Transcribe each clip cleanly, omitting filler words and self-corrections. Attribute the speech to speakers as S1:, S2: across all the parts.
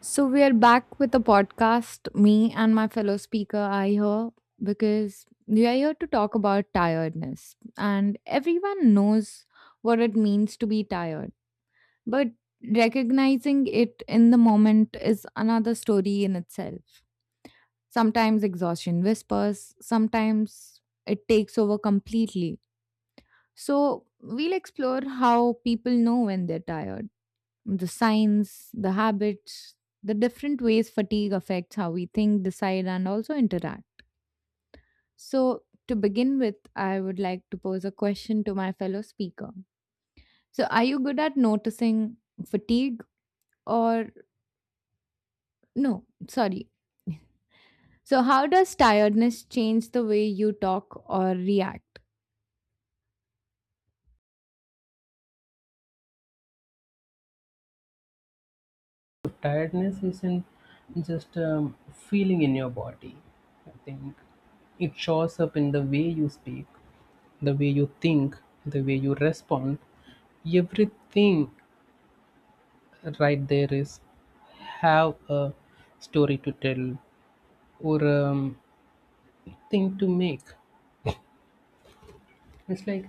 S1: So we are back with the podcast. Me and my fellow speaker are here because we are here to talk about tiredness. And everyone knows what it means to be tired. But recognizing it in the moment is another story in itself. Sometimes exhaustion whispers, sometimes it takes over completely. So we'll explore how people know when they're tired, the signs, the habits, the different ways fatigue affects how we think, decide, and also interact. So, to begin with, I would like to pose a question to my fellow speaker. So, are you good at noticing fatigue or no? Sorry. So, how does tiredness change the way you talk or react?
S2: Tiredness isn't just a feeling in your body. I think it shows up in the way you speak, the way you think, the way you respond. Everything right there is have a story to tell or thing to make. It's like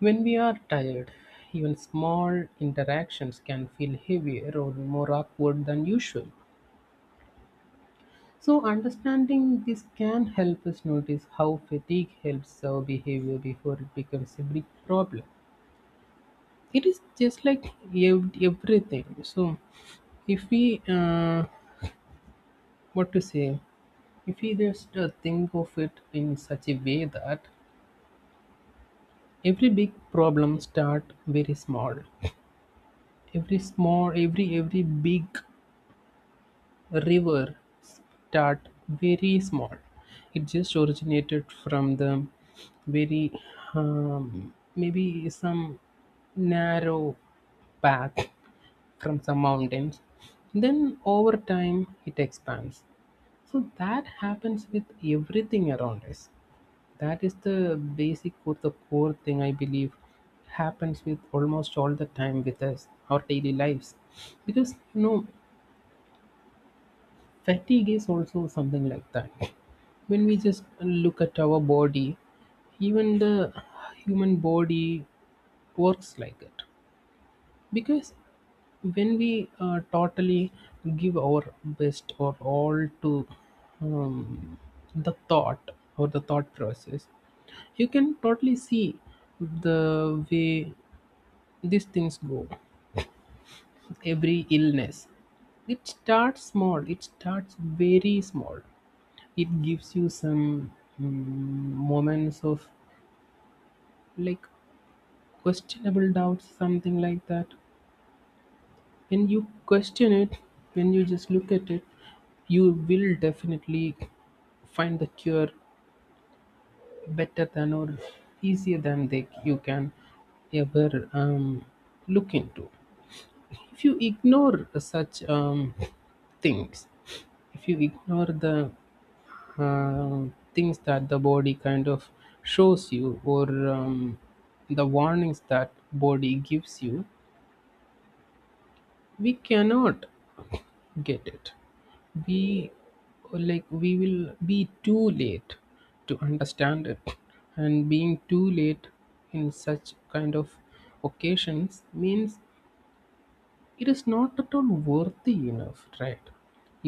S2: when we are tired, even small interactions can feel heavier or more awkward than usual. So, understanding this can help us notice how fatigue helps our behavior before it becomes a big problem. It is just like everything. So, if we, what to say, if we just think of it in such a way that every big problem start very small, every small, every big river start very small. It just originated from the very maybe some narrow path from some mountains. Then over time it expands. So that happens with everything around us. That is the basic or the core thing I believe happens with almost all the time with us, our daily lives. Because you know, fatigue is also something like that. When we just look at our body, even the human body works like it. Because when we totally give our best or all to um, the thought or the thought process, you can totally see the way these things go. Every illness, it starts small, it starts very small. It gives you some moments of like questionable doubts, something like that. When you question it, when you just look at it, you will definitely find the cure better than or easier than they you can ever look into. If you ignore such things, if you ignore the uh, things that the body kind of shows you or the warnings that body gives you, we cannot get it, we, like, we will be too late to understand it, and being too late in such kind of occasions means it is not at all worthy enough, right?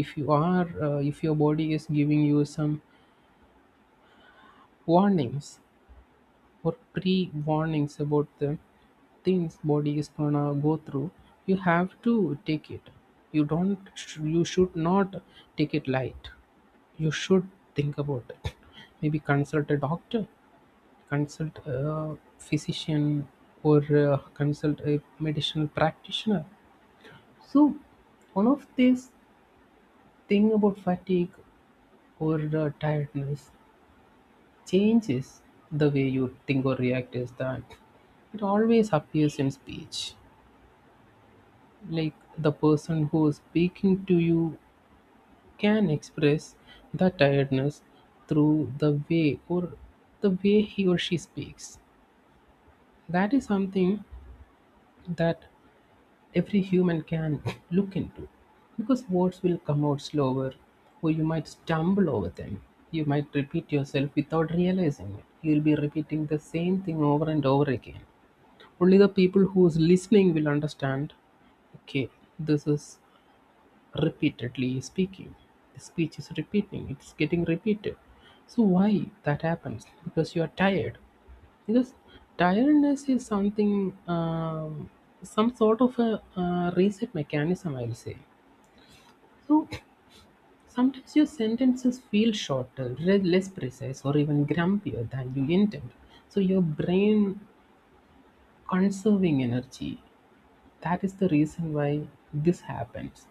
S2: If you are if your body is giving you some warnings or pre-warnings about the things body is gonna go through, you have to take it. You don't sh- you should not take it light. You should think about it, maybe consult a doctor, consult a physician, or consult a medicinal practitioner. So one of these thing about fatigue or tiredness changes the way you think or react is that it always appears in speech. Like the person who is speaking to you can express the tiredness through the way or the way he or she speaks. That is something that every human can look into, because words will come out slower or you might stumble over them. You might repeat yourself without realizing it. You'll be repeating the same thing over and over again. Only the people who's listening will understand, okay, this is repeatedly speaking, the speech is repeating, it's getting repeated. So why that happens? Because you are tired. Because tiredness is something, um, some sort of a reset mechanism, I'll say. So sometimes your sentences feel shorter, less precise, or even grumpier than you intend. So your brain conserving energy. That is the reason why this happens.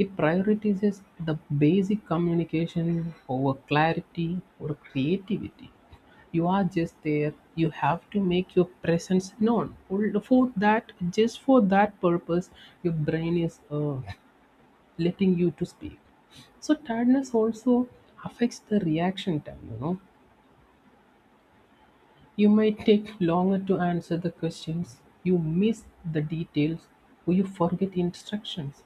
S2: It prioritizes the basic communication over clarity or creativity. You are just there. You have to make your presence known. Or for that, just for that purpose, your brain is letting you to speak. So tiredness also affects the reaction time. You know, you might take longer to answer the questions, you miss the details, or you forget instructions.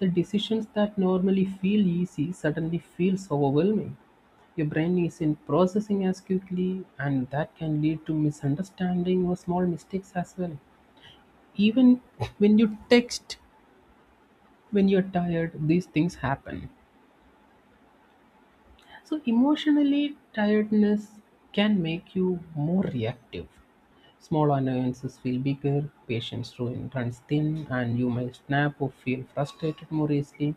S2: The decisions that normally feel easy suddenly feels overwhelming. Your brain isn't processing as quickly, and that can lead to misunderstanding or small mistakes as well. Even when you text, when you're tired, these things happen. So, emotionally, tiredness can make you more reactive. Small annoyances feel bigger, runs thin, and you may snap or feel frustrated more easily.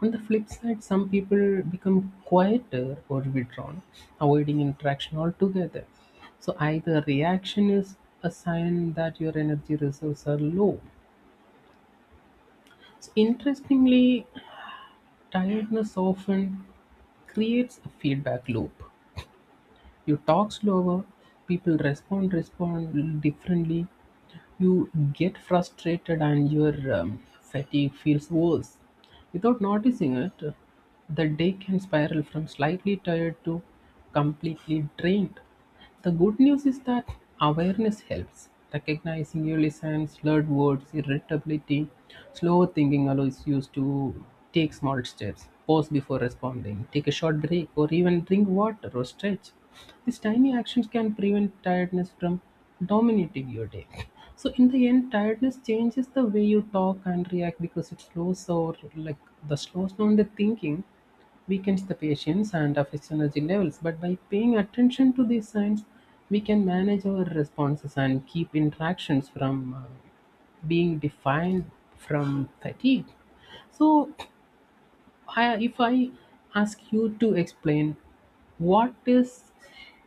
S2: On the flip side, some people become quieter or withdrawn, avoiding interaction altogether. So, either reaction is a sign that your energy reserves are low. So, interestingly, tiredness often creates a feedback loop. You talk slower, people respond differently, you get frustrated and your fatigue feels worse. Without noticing it, the day can spiral from slightly tired to completely drained. The good news is that awareness helps. Recognizing early signs, slurred words, irritability, slow thinking allows you to take small steps, pause before responding, take a short break, or even drink water or stretch. These tiny actions can prevent tiredness from dominating your day. So in the end, tiredness changes the way you talk and react because it slows, or like, the slows down the thinking, weakens the patience and affects energy levels. But by paying attention to these signs, we can manage our responses and keep interactions from being defined from fatigue. So if I ask you to explain what is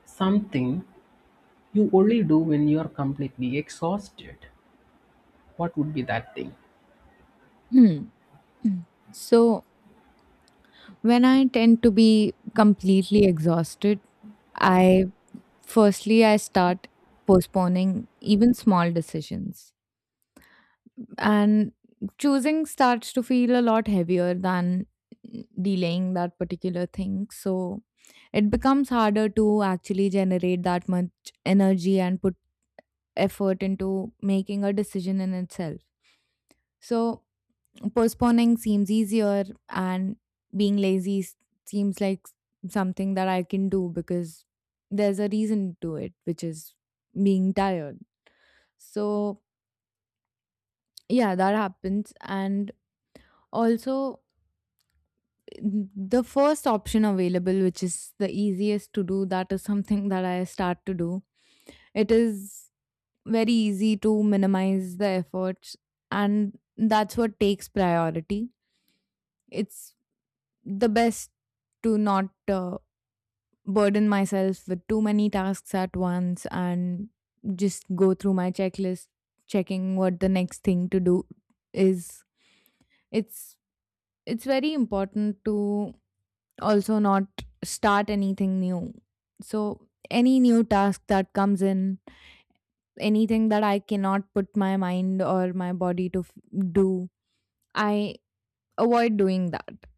S2: something you only do when you are completely exhausted, what would be that thing?
S1: Hmm. So, when I tend to be completely exhausted, I firstly I start postponing even small decisions. And choosing starts to feel a lot heavier than delaying that particular thing. So it becomes harder to actually generate that much energy and put effort into making a decision in itself. So postponing seems easier, and being lazy s- seems like something that I can do because there's a reason to it, which is being tired. So, yeah, that happens. And also, the first option available, which is the easiest to do, that is something that I start to do. It is very easy to minimize the efforts, and that's what takes priority. It's the best to not burden myself with too many tasks at once and just go through my checklist, checking what the next thing to do is. It's very important to also not start anything new. So any new task that comes in, anything that I cannot put my mind or my body to do, I avoid doing that.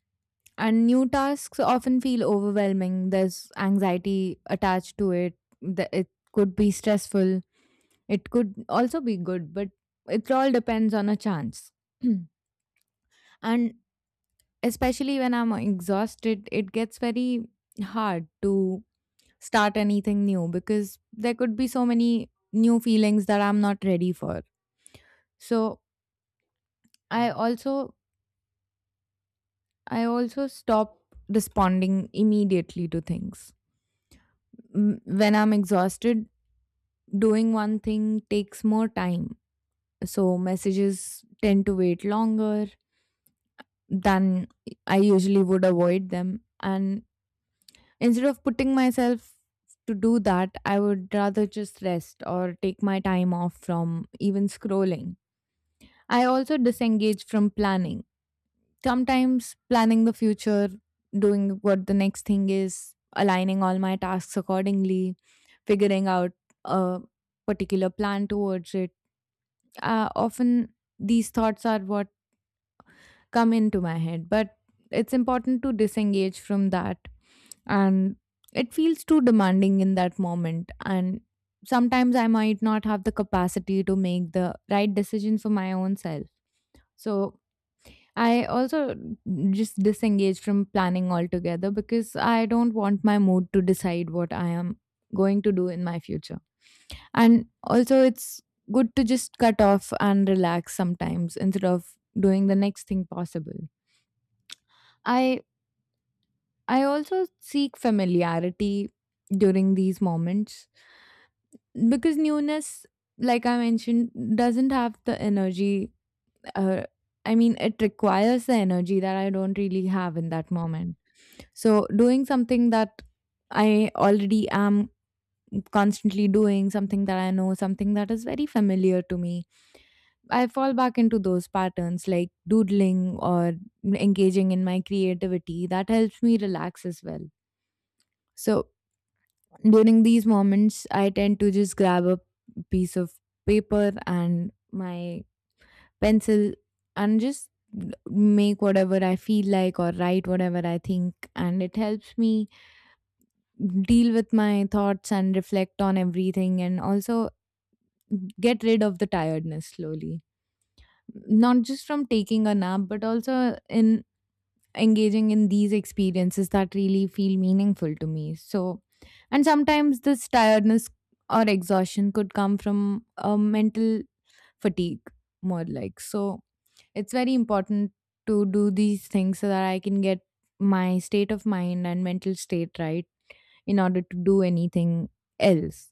S1: And new tasks often feel overwhelming. There's anxiety attached to it. It could be stressful. It could also be good, but it all depends on a chance. And especially when I'm exhausted, it gets very hard to start anything new because there could be so many new feelings that I'm not ready for. So I also I also stop responding immediately to things. When I'm exhausted, doing one thing takes more time. So messages tend to wait longer than I usually would avoid them. And instead of putting myself to do that, I would rather just rest or take my time off from even scrolling. I also disengage from planning. Sometimes planning the future, doing what the next thing is, aligning all my tasks accordingly, figuring out a particular plan towards it, often these thoughts are what come into my head, but it's important to disengage from that. And it feels too demanding in that moment, and sometimes I might not have the capacity to make the right decision for my own self. So I also just disengage from planning altogether because I don't want my mood to decide what I am going to do in my future. And also, it's good to just cut off and relax sometimes instead of doing the next thing possible. I I also seek familiarity during these moments because newness, like I mentioned, doesn't have the energy. uh, I mean, it requires the energy that I don't really have in that moment. So, doing something that I already am constantly doing, something that I know, something that is very familiar to me, I fall back into those patterns like doodling or engaging in my creativity. That helps me relax as well. So, during these moments, I tend to just grab a piece of paper and my pencil and just make whatever I feel like or write whatever I think. And it helps me deal with my thoughts and reflect on everything and also get rid of the tiredness slowly. Not just from taking a nap, but also in engaging in these experiences that really feel meaningful to me. So, and sometimes this tiredness or exhaustion could come from a mental fatigue, more like. So, it's very important to do these things so that I can get my state of mind and mental state right in order to do anything else.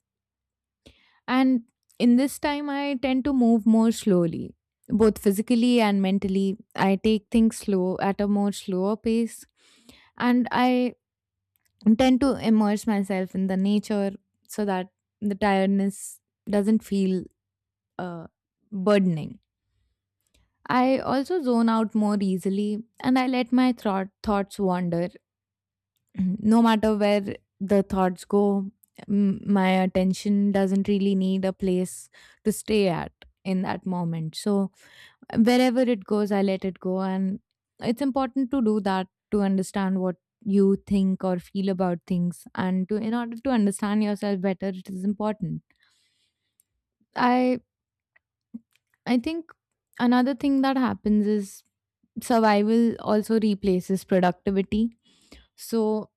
S1: And in this time, I tend to move more slowly, both physically and mentally. I take things slow at a more slower pace, and I tend to immerse myself in the nature so that the tiredness doesn't feel uh, burdening. I also zone out more easily and I let my thoughts wander. No matter where the thoughts go, my attention doesn't really need a place to stay at in that moment. So, wherever it goes, I let it go. And it's important to do that to understand what you think or feel about things, and to in order to understand yourself better it is important. I i think another thing that happens is survival also replaces productivity. So,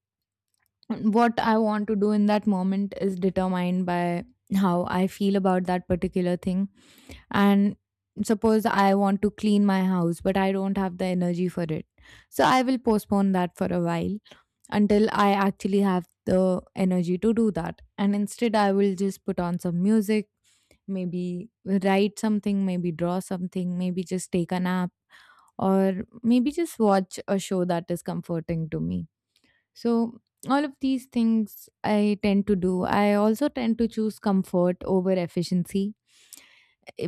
S1: what I want to do in that moment is determined by how I feel about that particular thing. And suppose I want to clean my house, but I don't have the energy for it. So, I will postpone that for a while until I actually have the energy to do that. And instead, I will just put on some music, maybe write something, maybe draw something, maybe just take a nap, or maybe just watch a show that is comforting to me. So, all of these things I tend to do. I also tend to choose comfort over efficiency.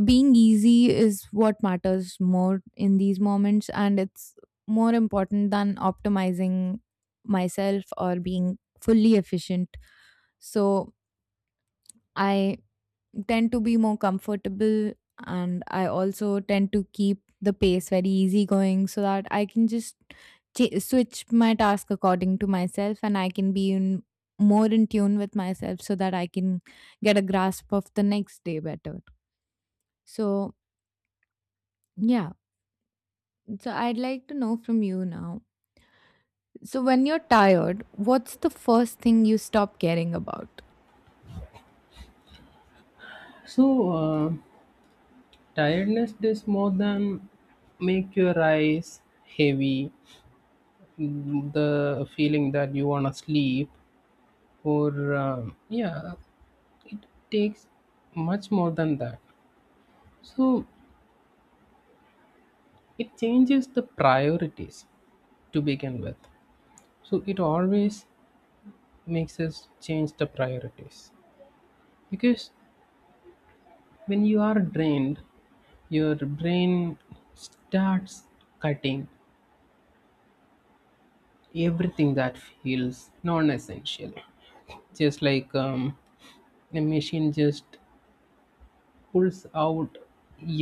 S1: Being easy is what matters more in these moments, and it's more important than optimizing myself or being fully efficient. So, I tend to be more comfortable, and I also tend to keep the pace very easygoing so that I can just switch my task according to myself and I can be in more in tune with myself so that I can get a grasp of the next day better. So, yeah. So, I'd like to know from you now. So, when you're tired, what's the first thing you stop caring about?
S2: So, tiredness does more than make your eyes heavy, the feeling that you want to sleep, or yeah, it takes much more than that. So, it changes the priorities to begin with. So, it always makes us change the priorities, because when you are drained, your brain starts cutting everything that feels non-essential, just like a machine just pulls out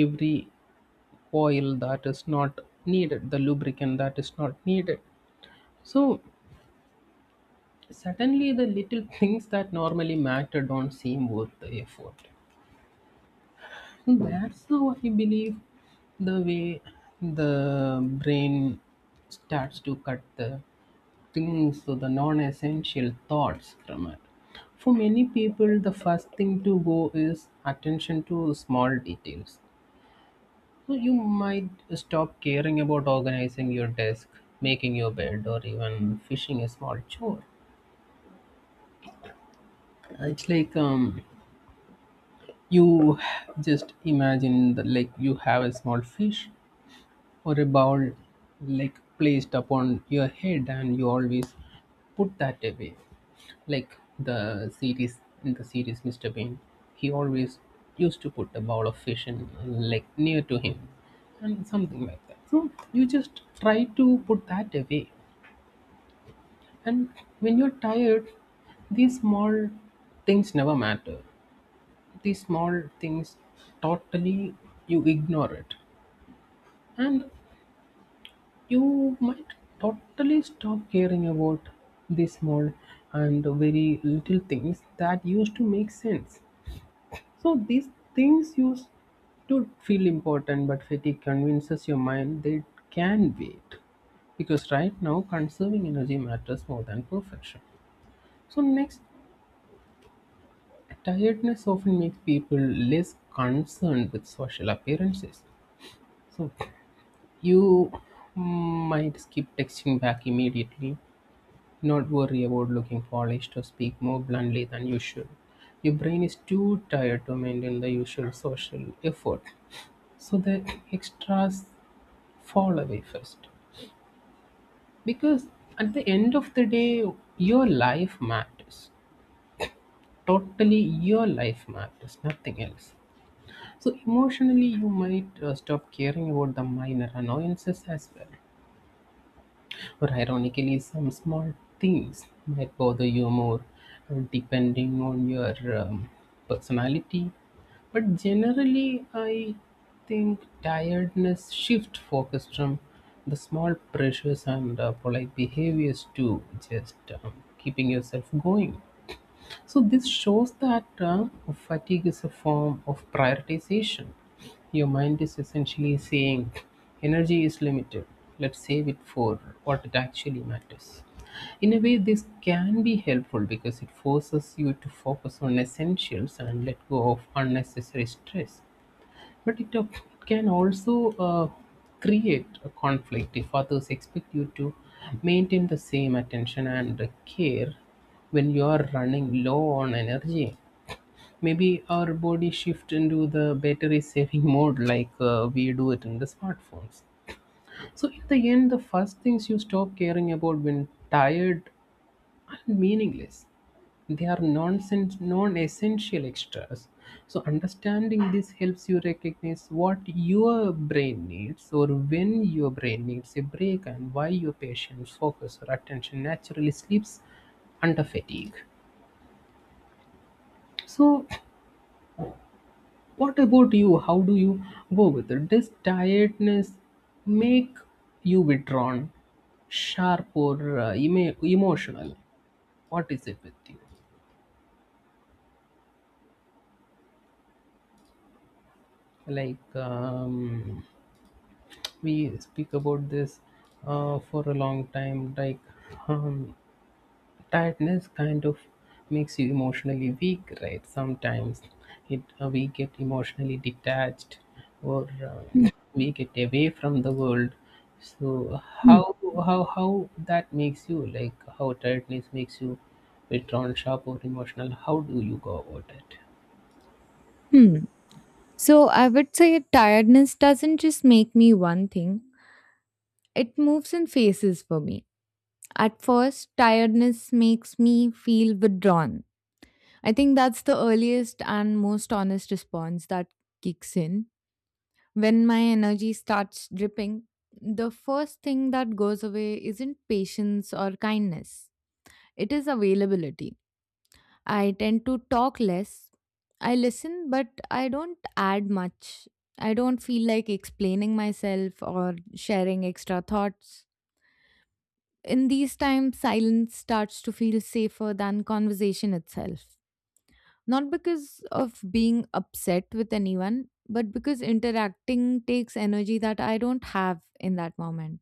S2: every oil that is not needed, the lubricant that is not needed. So suddenly the little things that normally matter don't seem worth the effort. That's how I believe the way the brain starts to cut the things, so the non essential thoughts from it. For many people, the first thing to go is attention to small details. So you might stop caring about organizing your desk, making your bed, or even fishing a small chore. It's like, you just imagine that like you have a small fish or a bowl like placed upon your head and you always put that away, like the series, in the series Mr. Bean, he always used to put a bowl of fish in like near to him and something like that. So you just try to put that away. And when you're tired, these small things never matter. These small things, totally, you ignore it. And you might totally stop caring about the small and very little things that used to make sense. So these things used to feel important, but fatigue convinces your mind they can wait. Because right now, conserving energy matters more than perfection. So, next, tiredness often makes people less concerned with social appearances. So, you might skip texting back immediately, not worry about looking polished or speak more bluntly than usual. Your brain is too tired to maintain the usual social effort. So the extras fall away first. Because at the end of the day, your life matters. Totally, your life matters, nothing else. So emotionally, you might stop caring about the minor annoyances as well. Or ironically, some small things might bother you more, depending on your personality. But generally, I think tiredness shift focus from the small pressures and polite behaviors to just keeping yourself going. So this shows that fatigue is a form of prioritization. Your mind is essentially saying, energy is limited. Let's save it for what it actually matters. In a way, this can be helpful because it forces you to focus on essentials and let go of unnecessary stress. But it can also create a conflict if others expect you to maintain the same attention and care when you are running low on energy. Maybe our body shift into the battery saving mode like we do it in the smartphones. So, in the end, the first things you stop caring about when tired and meaningless. They are nonsense, non-essential extras. So understanding this helps you recognize what your brain needs or when your brain needs a break and why your patient's focus or attention naturally slips under fatigue. So what about you? How do you go with it? Does tiredness make you withdrawn, sharp, or emotional? What is it with you? Like, we speak about this for a long time, like, um, tiredness kind of makes you emotionally weak, right? Sometimes it, we get emotionally detached or we get away from the world. So how, how that makes you, like, how tiredness makes you withdrawn, sharp, or emotional, how do you go about it?
S1: Hmm. So I would say tiredness doesn't just make me one thing. It moves in phases for me. At first, tiredness makes me feel withdrawn. I think that's the earliest and most honest response that kicks in. When my energy starts dripping, the first thing that goes away isn't patience or kindness, it is availability. I tend to talk less. I listen, but I don't add much. I don't feel like explaining myself or sharing extra thoughts. In these times, silence starts to feel safer than conversation itself. Not because of being upset with anyone, but because interacting takes energy that I don't have in that moment.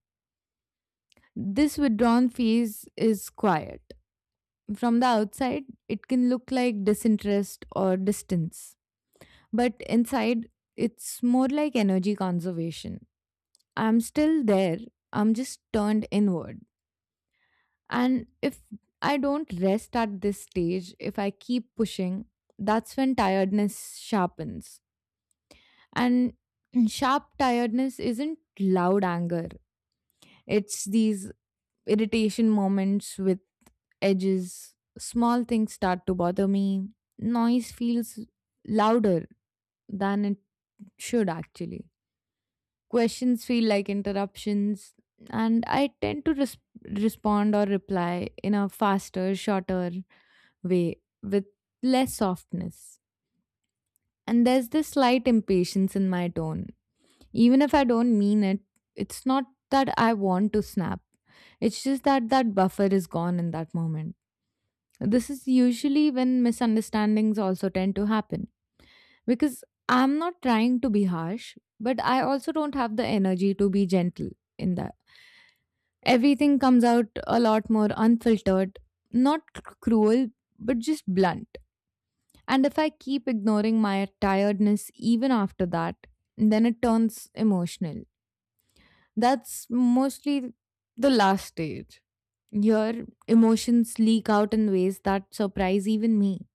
S1: This withdrawn phase is quiet. From the outside, it can look like disinterest or distance, but inside, it's more like energy conservation. I'm still there, I'm just turned inward. And if I don't rest at this stage, if I keep pushing, that's when tiredness sharpens. And sharp tiredness isn't loud anger, it's these irritation moments with edges. Small things start to bother me. Noise feels louder than it should, actually. Questions feel like interruptions. And I tend to respond or reply in a faster, shorter, way with less softness. And there's this slight impatience in my tone. Even if I don't mean it, it's not that I want to snap. It's just that buffer is gone in that moment. This is usually when misunderstandings also tend to happen because I'm not trying to be harsh, but I also don't have the energy to be gentle in that. Everything comes out a lot more unfiltered, not cruel, but just blunt. And if I keep ignoring my tiredness even after that, then it turns emotional. That's mostly the last stage. Here, emotions leak out in ways that surprise even me.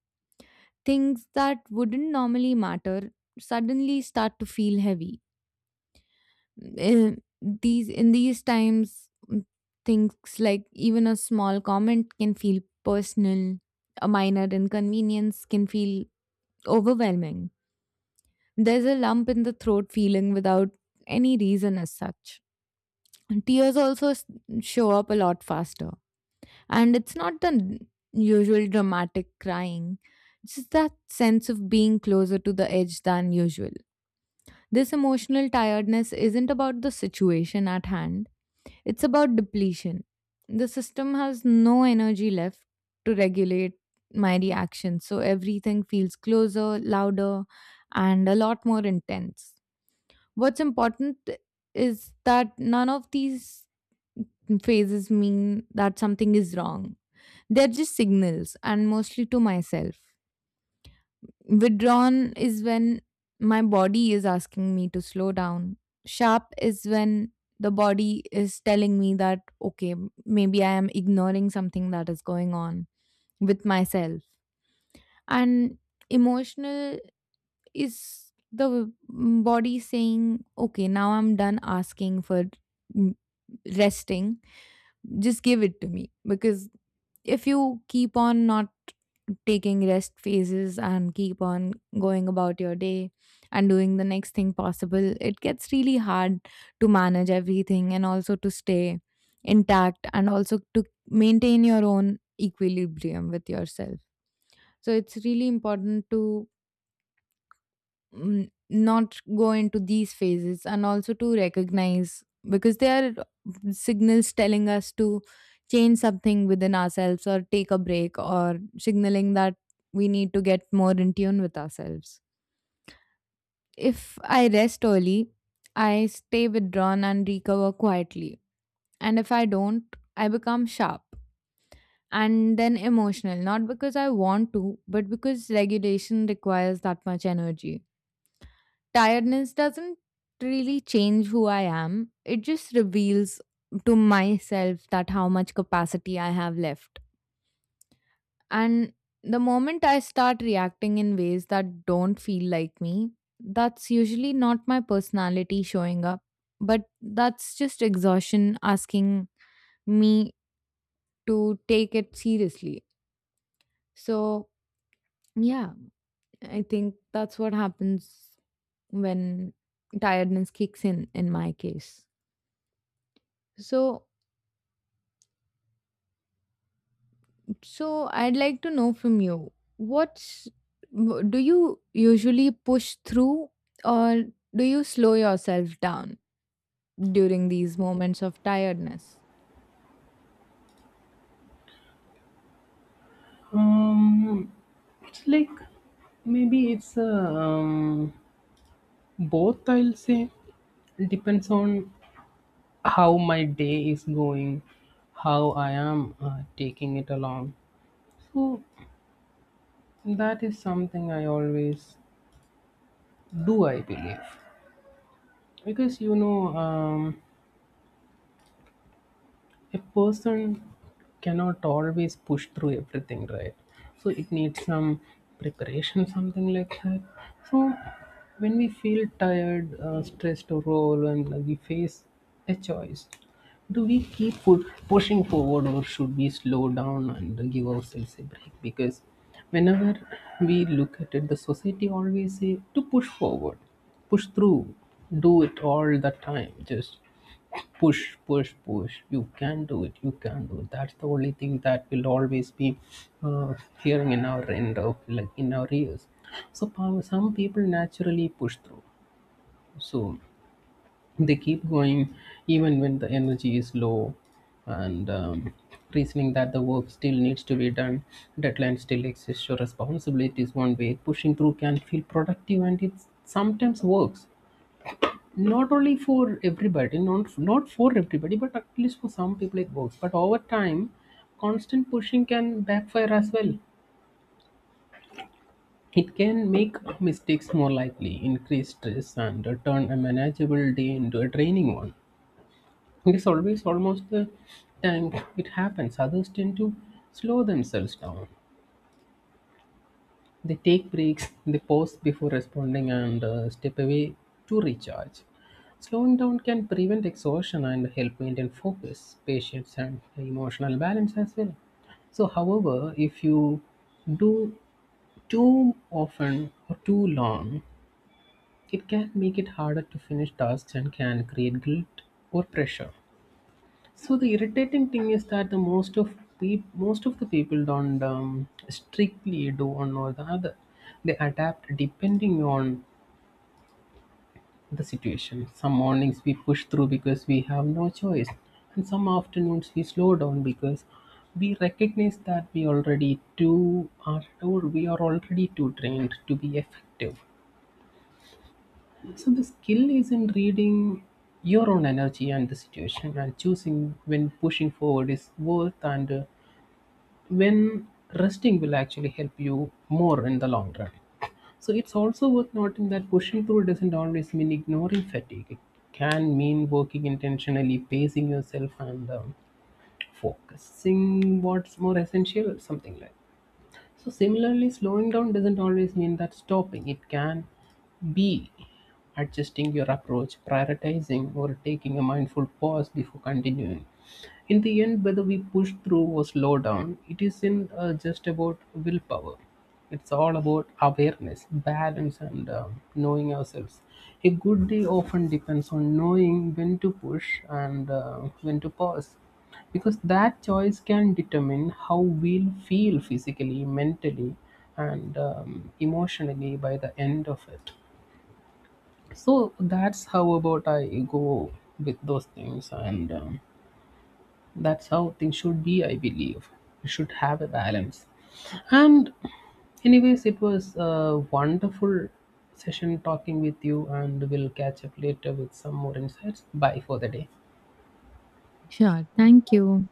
S1: Things that wouldn't normally matter suddenly start to feel heavy. In these times, things like even a small comment can feel personal. A minor inconvenience can feel overwhelming. There's a lump in the throat feeling without any reason as such. Tears also show up a lot faster. And it's not the usual dramatic crying, it's just that sense of being closer to the edge than usual. This emotional tiredness isn't about the situation at hand, it's about depletion. The system has no energy left to regulate my reactions, so everything feels closer, louder, and a lot more intense. What's important is that none of these phases mean that something is wrong. They're just signals, and mostly to myself. Withdrawn is when my body is asking me to slow down. Sharp is when the body is telling me that, okay, maybe I am ignoring something that is going on with myself. And emotional is the body saying, okay, now I'm done asking for mm, resting. Just give it to me. Because if you keep on not taking rest phases and keep on going about your day and doing the next thing possible, it gets really hard to manage everything and also to stay intact and also to maintain your own equilibrium with yourself. So it's really important to not go into these phases and also to recognize, because they are signals telling us to change something within ourselves or take a break or signaling that we need to get more in tune with ourselves. If I rest early, I stay withdrawn and recover quietly. And if I don't, I become sharp and then emotional, not because I want to, but because regulation requires that much energy. Tiredness doesn't really change who I am. It just reveals to myself that how much capacity I have left. And the moment I start reacting in ways that don't feel like me, that's usually not my personality showing up, but that's just exhaustion asking me to take it seriously. So, yeah, I think that's what happens when tiredness kicks in my case. So, so I'd like to know from you, do you usually push through or do you slow yourself down during these moments of tiredness?
S2: um it's like, maybe it's a um, both, I'll say, depends on how my day is going, how I am taking it along. So that is something I always do, I believe, because you know, a person cannot always push through everything, right? So it needs some preparation, something like that. So when we feel tired, stressed or overwhelmed, we face a choice. Do we keep pushing forward or should we slow down and give ourselves a break? Because whenever we look at it, the society always say to push forward, push through, do it all the time, just push, push, push. You can do it. You can do it. That's the only thing that will always be uh, hearing in our end of, like, in our ears. So some people naturally push through. So they keep going even when the energy is low, and reasoning that the work still needs to be done, deadline still exists, your responsibilities one way. Pushing through can feel productive, and it sometimes works, not only for everybody, not for everybody, but at least for some people it works. But over time, constant pushing can backfire as well. It can make mistakes more likely, increase stress, and turn a manageable day into a draining one. It is always almost the time it happens. Others tend to slow themselves down. They take breaks, they pause before responding, and step away to recharge. Slowing down can prevent exhaustion and help maintain focus, patience, and emotional balance as well. So, however, if you do too often or too long, it can make it harder to finish tasks and can create guilt or pressure. So the irritating thing is that the most of peop most of the people don't strictly do one or the other. They adapt depending on the situation. Some mornings we push through because we have no choice, and some afternoons we slow down because we recognize that we are already too trained to be effective. So the skill is in reading your own energy and the situation and choosing when pushing forward is worth and, when resting will actually help you more in the long run. So it's also worth noting that pushing through doesn't always mean ignoring fatigue. It can mean working intentionally, pacing yourself, and focusing what's more essential, something like. So similarly, slowing down doesn't always mean that stopping. It can be adjusting your approach, prioritizing, or taking a mindful pause before continuing. In the end, whether we push through or slow down, it isn't just about willpower. It's all about awareness, balance, and knowing ourselves. A good day often depends on knowing when to push and, when to pause, because that choice can determine how we'll feel physically, mentally, and emotionally by the end of it. So that's how about I go with those things and. That's how things should be, I believe. We should have a balance. And, anyways, it was a wonderful session talking with you, and we'll catch up later with some more insights. Bye for the day.
S1: Sure, thank you.